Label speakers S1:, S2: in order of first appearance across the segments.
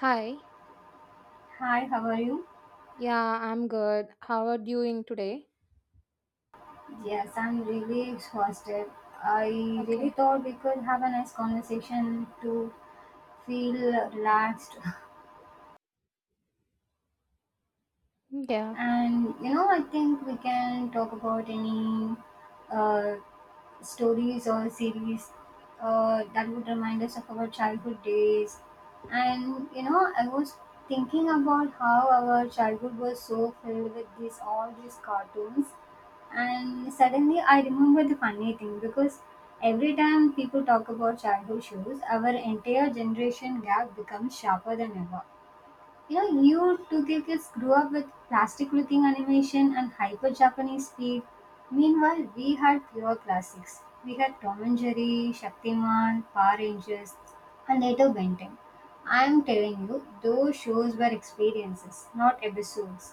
S1: Hi.
S2: Hi, how are you?
S1: Yeah, I'm good. How are you doing today?
S2: Yes, I'm really exhausted. I really
S1: Okay.
S2: thought we could have a nice conversation to feel relaxed.
S1: Yeah.
S2: And you know, I think we can talk about any uh, stories or series that would remind us of our childhood days. And you know, I was thinking about how our childhood was so filled with these all these cartoons, and suddenly I remember the funny thing because every time people talk about childhood shows, our entire generation gap becomes sharper than ever, you know, you two kids grew up with plastic looking animation and hyper Japanese speed. Meanwhile, we had pure classics. We had Tom and Jerry, Shaktiman, Power Rangers, and later Ben 10. I'm telling you, those shows were experiences, not episodes.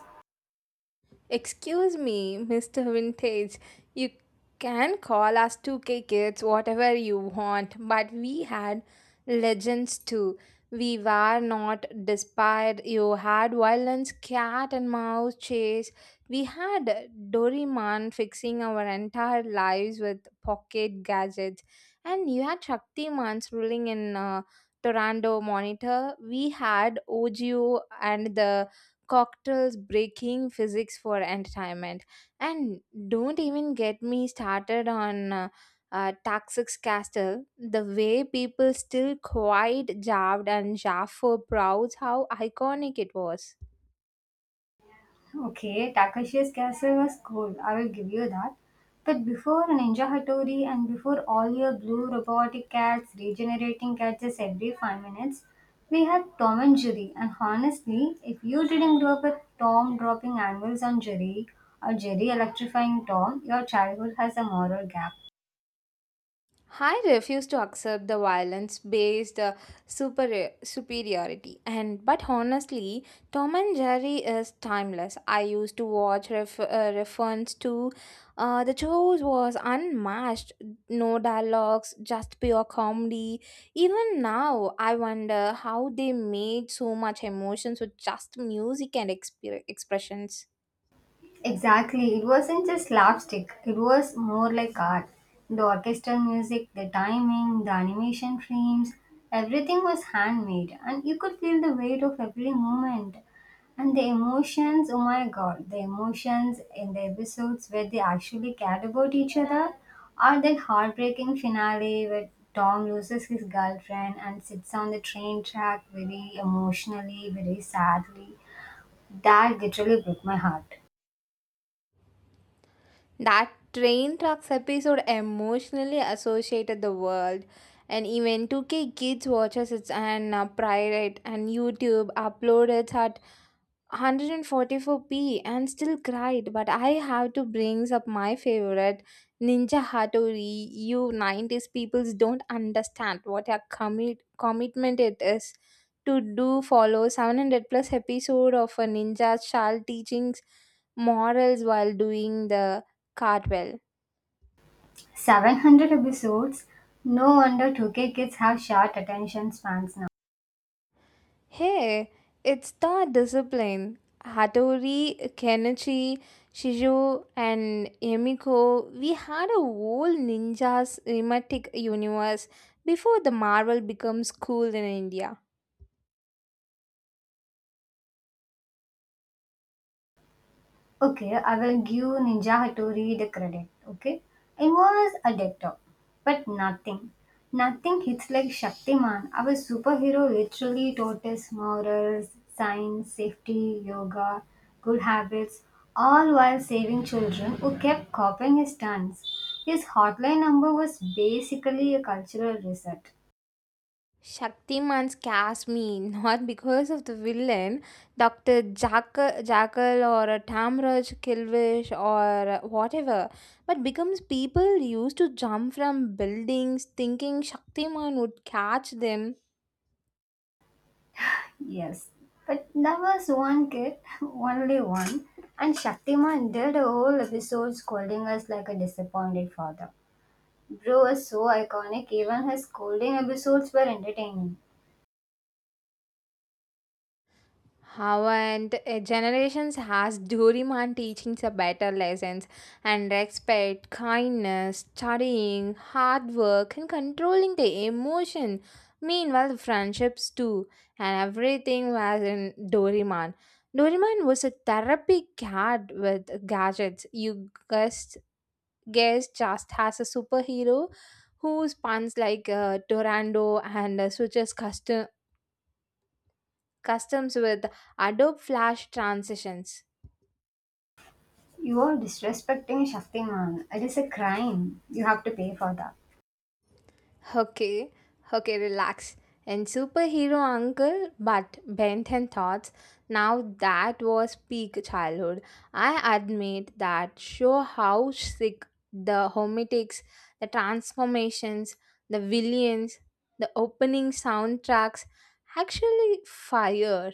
S1: Excuse me, Mr. Vintage. You can call us 2K kids whatever you want, but we had legends too. We were not despised. You had violence, cat and mouse chase. We had Doraemon fixing our entire lives with pocket gadgets. And you had Shaktiman's ruling in Toronto Monitor. We had OGO and the cocktails breaking physics for entertainment and don't even get me started on Toxic's Castle, the way people still quite jabbed and jaff for proud how iconic it was.
S2: Okay, Takashi's Castle was cool, I will give you that. But before Ninja Hattori and before all your blue robotic cats regenerating gadgets every 5 minutes, we had Tom and Jerry. And honestly, if you didn't grow up with Tom dropping anvils on Jerry or Jerry electrifying Tom, your childhood has a moral gap.
S1: I refuse to accept the violence-based superiority, and but honestly, Tom and Jerry is timeless. I used to watch reference to the shows was unmatched, no dialogues, just pure comedy. Even now, I wonder how they made so much emotions with just music and expressions.
S2: Exactly. It wasn't just slapstick, it was more like art. The orchestral music, the timing, the animation frames, everything was handmade, and you could feel the weight of every moment. And the emotions, oh my god, the emotions in the episodes where they actually cared about each other, or that heartbreaking finale where Tom loses his girlfriend and sits on the train track very emotionally, very sadly. That literally broke my heart.
S1: That train tracks episode emotionally associated the world, and even 2K kids watches it and pirate and YouTube upload it at 144p and still cried but I have to bring up my favorite ninja hattori. You 90s peoples don't understand what a commitment it is to do follow 700 plus episode of a ninja child teachings morals while doing the cartwheel.
S2: 700 episodes? No wonder 2K kids have short attention spans now.
S1: Hey, it's the discipline. Hattori, Kenichi, Shizu, and Emiko, we had a whole ninjas cinematic universe before the Marvel becomes cool in India.
S2: Okay, I will give Ninja Hattori the credit, okay? I was addicted, but nothing. Nothing hits like Shaktiman. Our superhero literally taught us morals, science, safety, yoga, good habits, all while saving children who kept copying his stunts. His hotline number was basically a cultural reset.
S1: Shaktiman's cast me not because of the villain, Dr. Jackal, Jackal or a Tamraj, Kilvish or whatever, but becomes people used to jump from buildings thinking Shaktiman would catch them.
S2: Yes, but there was one kid, only one, and Shaktiman did a whole episode scolding us like a disappointed father. Bro was so iconic, even his scolding episodes were entertaining.
S1: How and generations has Doraemon teaching the better lessons and respect, kindness, studying, hard work, and controlling the emotion. Meanwhile, friendships too, and everything was in Doraemon. Doraemon was a therapy cat with gadgets. Guess just has a superhero who spawns like Torando and switches customs with Adobe Flash transitions.
S2: You are disrespecting Shaktiman. It is a crime. You have to pay for that.
S1: Okay, okay, relax. And superhero uncle, but bent and thoughts. Now that was peak childhood. I admit that show how sick the hometics, the transformations, the villains, the opening soundtracks actually fire.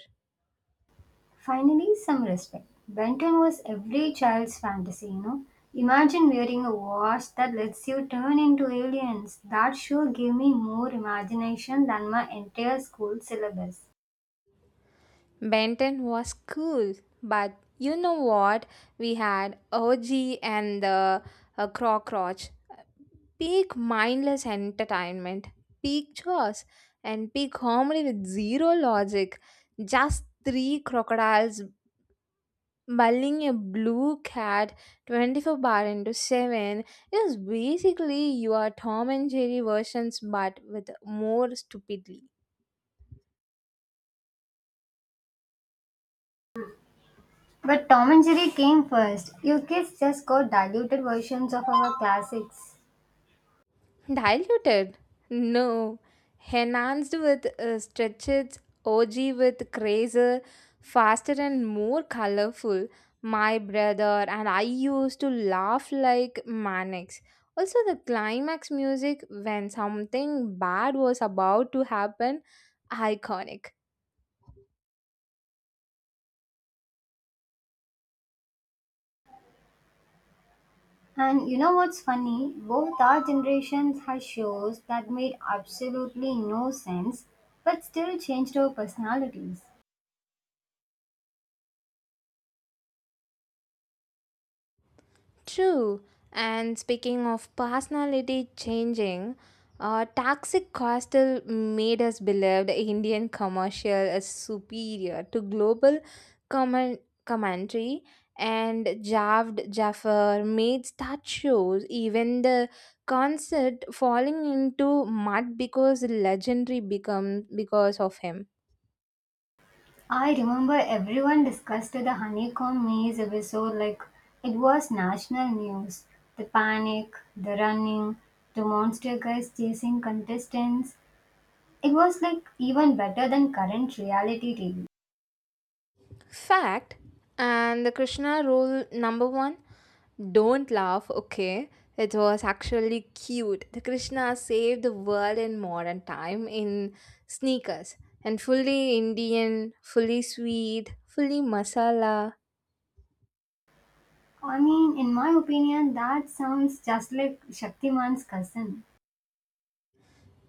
S2: Finally, some respect. Benton was every child's fantasy, you know. Imagine wearing a watch that lets you turn into aliens. That sure gave me more imagination than my entire school syllabus.
S1: Benton was cool, but you know what? We had OG and the Cockroach. Peak mindless entertainment, peak chores, and peak comedy with zero logic. Just three crocodiles bullying a blue cat 24 bar into 7 is basically your Tom and Jerry versions but with more stupidly.
S2: But Tom and Jerry came first. You kids just got diluted versions of our classics.
S1: Diluted? No. Enhanced with stretches, OG with crazer, faster and more colorful. My brother and I used to laugh like maniacs. Also, the climax music when something bad was about to happen, iconic.
S2: And you know what's funny? Both our generations had shows that made absolutely no sense but still changed our personalities.
S1: True. And speaking of personality changing, toxic coastal made us believe the Indian commercial is superior to global comment- commentary, and Javed Jaffer made star shows, even the concert falling into mud because legendary become because of him.
S2: I remember everyone discussed the honeycomb maze episode like it was national news. The panic, the running, the monster guys chasing contestants. It was like even better than current reality TV.
S1: Fact. And the Krishna rule number one, don't laugh, okay? It was actually cute. The Krishna saved the world in modern time in sneakers and fully Indian, fully sweet, fully masala.
S2: I mean, in my opinion, that sounds just like Shaktiman's cousin.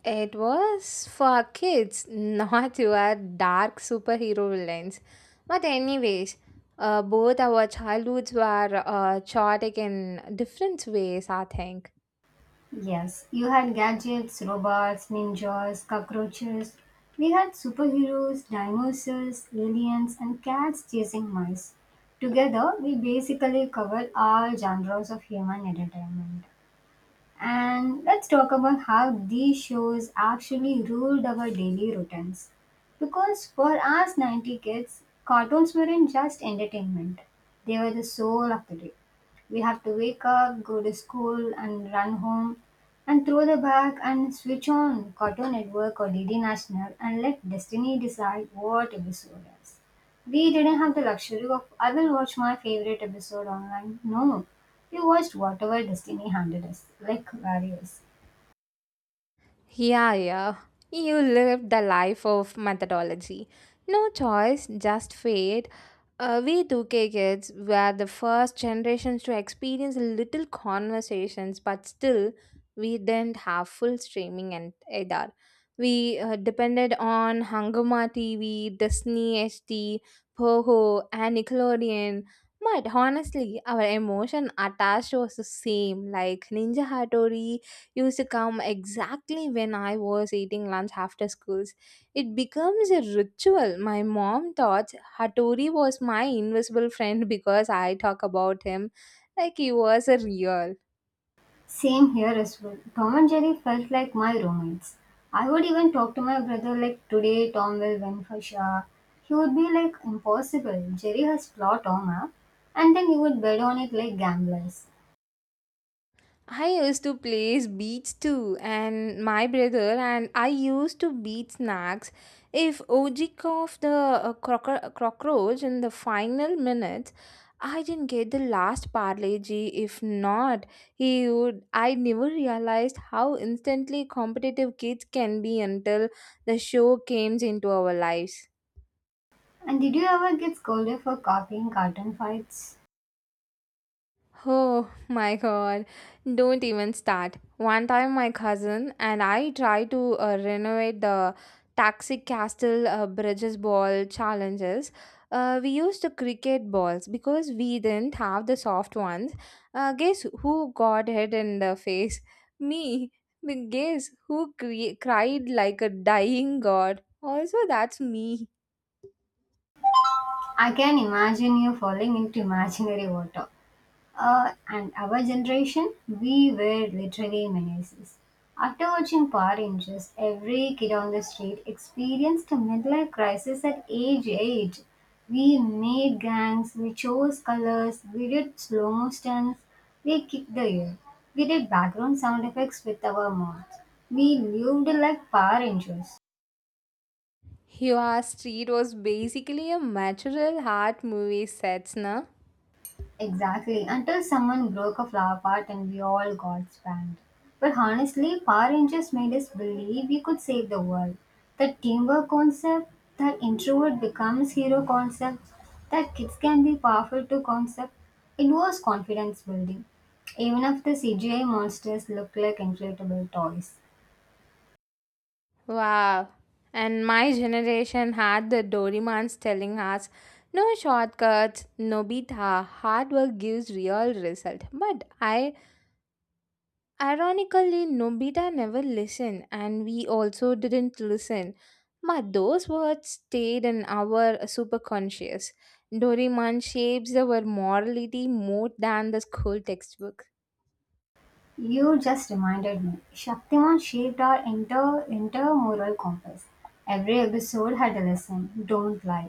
S1: It was for kids, not your dark superhero villains. But, anyways, both our childhoods were chaotic in different ways, I think.
S2: Yes, you had gadgets, robots, ninjas, cockroaches. We had superheroes, dinosaurs, aliens, and cats chasing mice. Together, we basically covered all genres of human entertainment. And let's talk about how these shows actually ruled our daily routines. Because for us 90 kids, cartoons weren't just entertainment, they were the soul of the day. We have to wake up, go to school, and run home, and throw the bag and switch on Cartoon Network or DD National and let destiny decide what episode is. We didn't have the luxury of, I will watch my favorite episode online. No, we watched whatever destiny handed us, like various.
S1: Yeah, yeah. You lived the life of methodology. No choice, just fate. We 2K kids were the first generations to experience little conversations, but still, we didn't have full streaming and either. We depended on Hungama TV, Disney HD, Poho, and Nickelodeon. But honestly, our emotion attached was the same, like Ninja Hattori used to come exactly when I was eating lunch after schools. It becomes a ritual. My mom thought Hattori was my invisible friend because I talk about him like he was a real.
S2: Same here as well. Tom and Jerry felt like my roommates. I would even talk to my brother like, today Tom will win for sure. He would be like, impossible. Jerry has plot on, huh? And then he would bet on it like gamblers.
S1: I used to play beats too, and my brother and I used to beat snacks. If OG of the cockroach in the final minutes, I didn't get the last parlay. If not, he would. I never realized how instantly competitive kids can be until the show came into our lives.
S2: And did you ever get scolded for copying cartoon fights?
S1: Oh my god, don't even start. One time, my cousin and I tried to renovate the Taxi Castle Bridges Ball challenges. We used the cricket balls because we didn't have the soft ones. Guess who got hit in the face? Me. But guess who cried like a dying god? Also, that's me.
S2: I can imagine you falling into imaginary water. And our generation, we were literally menaces. After watching Power Rangers, every kid on the street experienced a midlife crisis at age 8. We made gangs, we chose colors, we did slow mo stunts, we kicked the air, we did background sound effects with our mouths. We lived like Power Rangers.
S1: Your street was basically a natural heart movie sets, na?
S2: Exactly, until someone broke a flower pot and we all got spanned. But honestly, Power Rangers made us believe we could save the world. That teamwork concept, that introvert becomes hero concept, that kids can be powerful too concept, it was confidence building. Even if the CGI monsters look like inflatable toys.
S1: Wow. And my generation had the Dorimans telling us no shortcuts, Nobita, hard work gives real result. But I, ironically Nobita never listened and we also didn't listen. But those words stayed in our superconscious. Doraemon shapes our morality more than the school textbook.
S2: You just reminded me, Shaktiman shaped our inter moral compass. Every episode had a lesson, don't lie.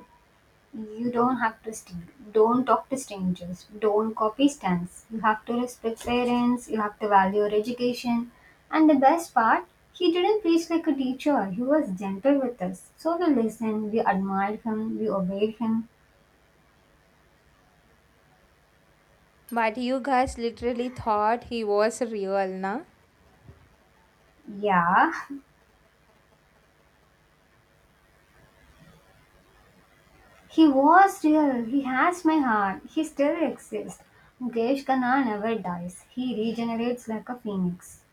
S2: You don't have to steal. Don't talk to strangers. Don't copy stunts. You have to respect parents. You have to value your education. And the best part, he didn't preach like a teacher. He was gentle with us. So we listened, we admired him, we obeyed him.
S1: But you guys literally thought he was real, na?
S2: Yeah, he was real. He has my heart. He still exists. Mukesh Khanna never dies. He regenerates like a phoenix.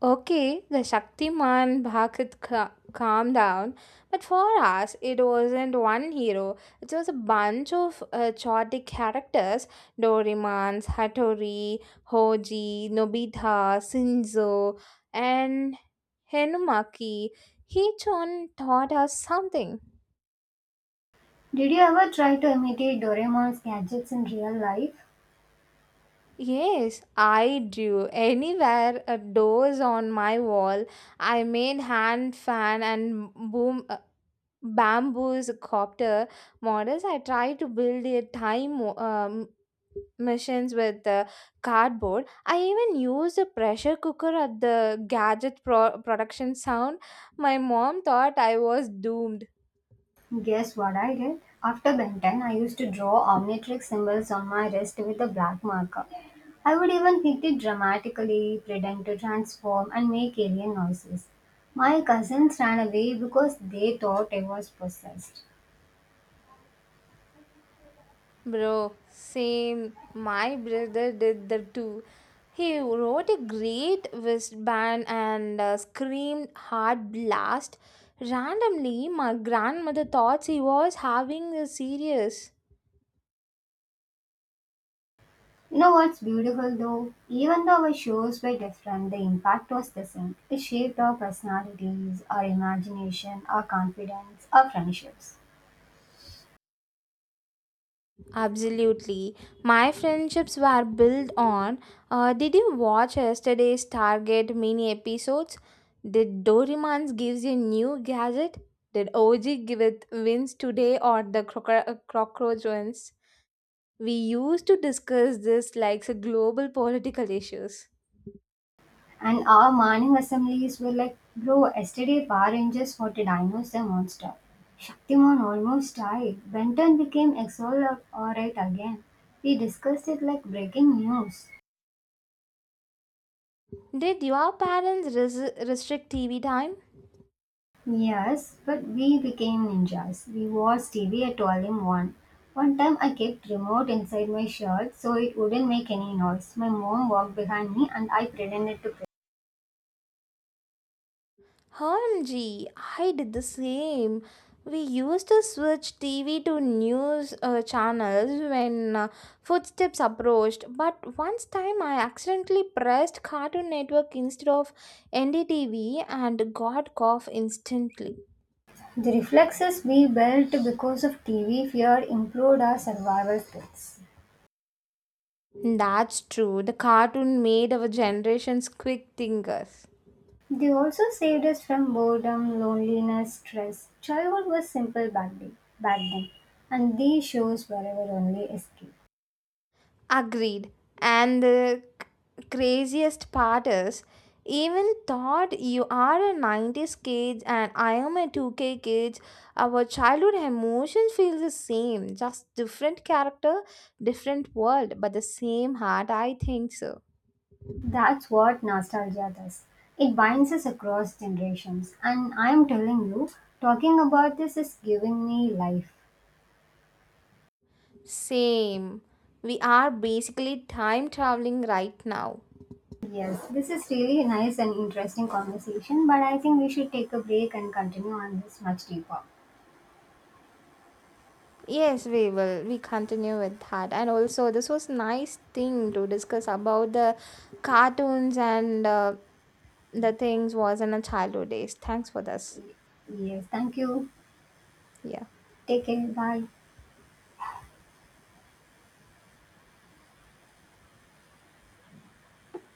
S1: Okay, the Shaktiman Bhagat calmed down, but for us, it wasn't one hero. It was a bunch of chaotic characters Doraemon, Hattori, Hoji, Nobita, Shinzo, and Henumaki. Each one taught us something.
S2: Did you ever try to imitate Doraemon's gadgets in real life?
S1: Yes, I do. Anywhere a door's on my wall, I made hand fan and boom bamboo's copter models. I try to build a time machines with cardboard. I even used a pressure cooker at the gadget production sound. My mom thought I was doomed.
S2: Guess what I did? After Ben 10, I used to draw omnitrix symbols on my wrist with a black marker. I would even hit it dramatically, pretend to transform, and make alien noises. My cousins ran away because they thought I was possessed.
S1: Bro, same. My brother did the two. He wrote a great wristband and screamed hard blast. Randomly, my grandmother thought he was having a serious.
S2: You know what's beautiful though? Even though our shows were different, the impact was the same. It shaped our personalities, our imagination, our confidence, our friendships.
S1: Absolutely. My friendships were built on. Did you watch yesterday's Target mini episodes? Did Doraemon gives you a new gadget? Did OG give it wins today or the cockroach wins? We used to discuss this like so global political issues.
S2: And our morning assemblies were like, bro, yesterday Power Rangers fought a dinosaur monster. Shaktiman almost died. Benton became Exol alright again. We discussed it like breaking news.
S1: Did your parents restrict TV time?
S2: Yes, but we became ninjas. We watched TV at 12 in 1. One time I kept remote inside my shirt so it wouldn't make any noise. My mom walked behind me and I pretended to play.
S1: OMG, I did the same. We used to switch TV to news channels when footsteps approached, but once time I accidentally pressed Cartoon Network instead of NDTV and got cough instantly.
S2: The reflexes we built because of TV fear improved our survival skills.
S1: That's true, the cartoon made our generations quick thinkers.
S2: They also saved us from boredom, loneliness, stress. Childhood was simple back then, and these shows were our only escape.
S1: Agreed. And the craziest part is, even thought you are a 90s kid and I am a 2K kid, our childhood emotions feel the same, just different character, different world, but the same heart, I think so.
S2: That's what nostalgia does. It binds us across generations, and I am telling you, talking about this is giving me life.
S1: Same. We are basically time traveling right now.
S2: Yes, this is really nice and interesting conversation, but I think we should take a break and continue on this much deeper.
S1: Yes, we will. We continue with that. And also, this was nice thing to discuss about the cartoons and the things was in a childhood days. Thanks for this.
S2: Yes, thank you.
S1: Yeah.
S2: Take care. Bye.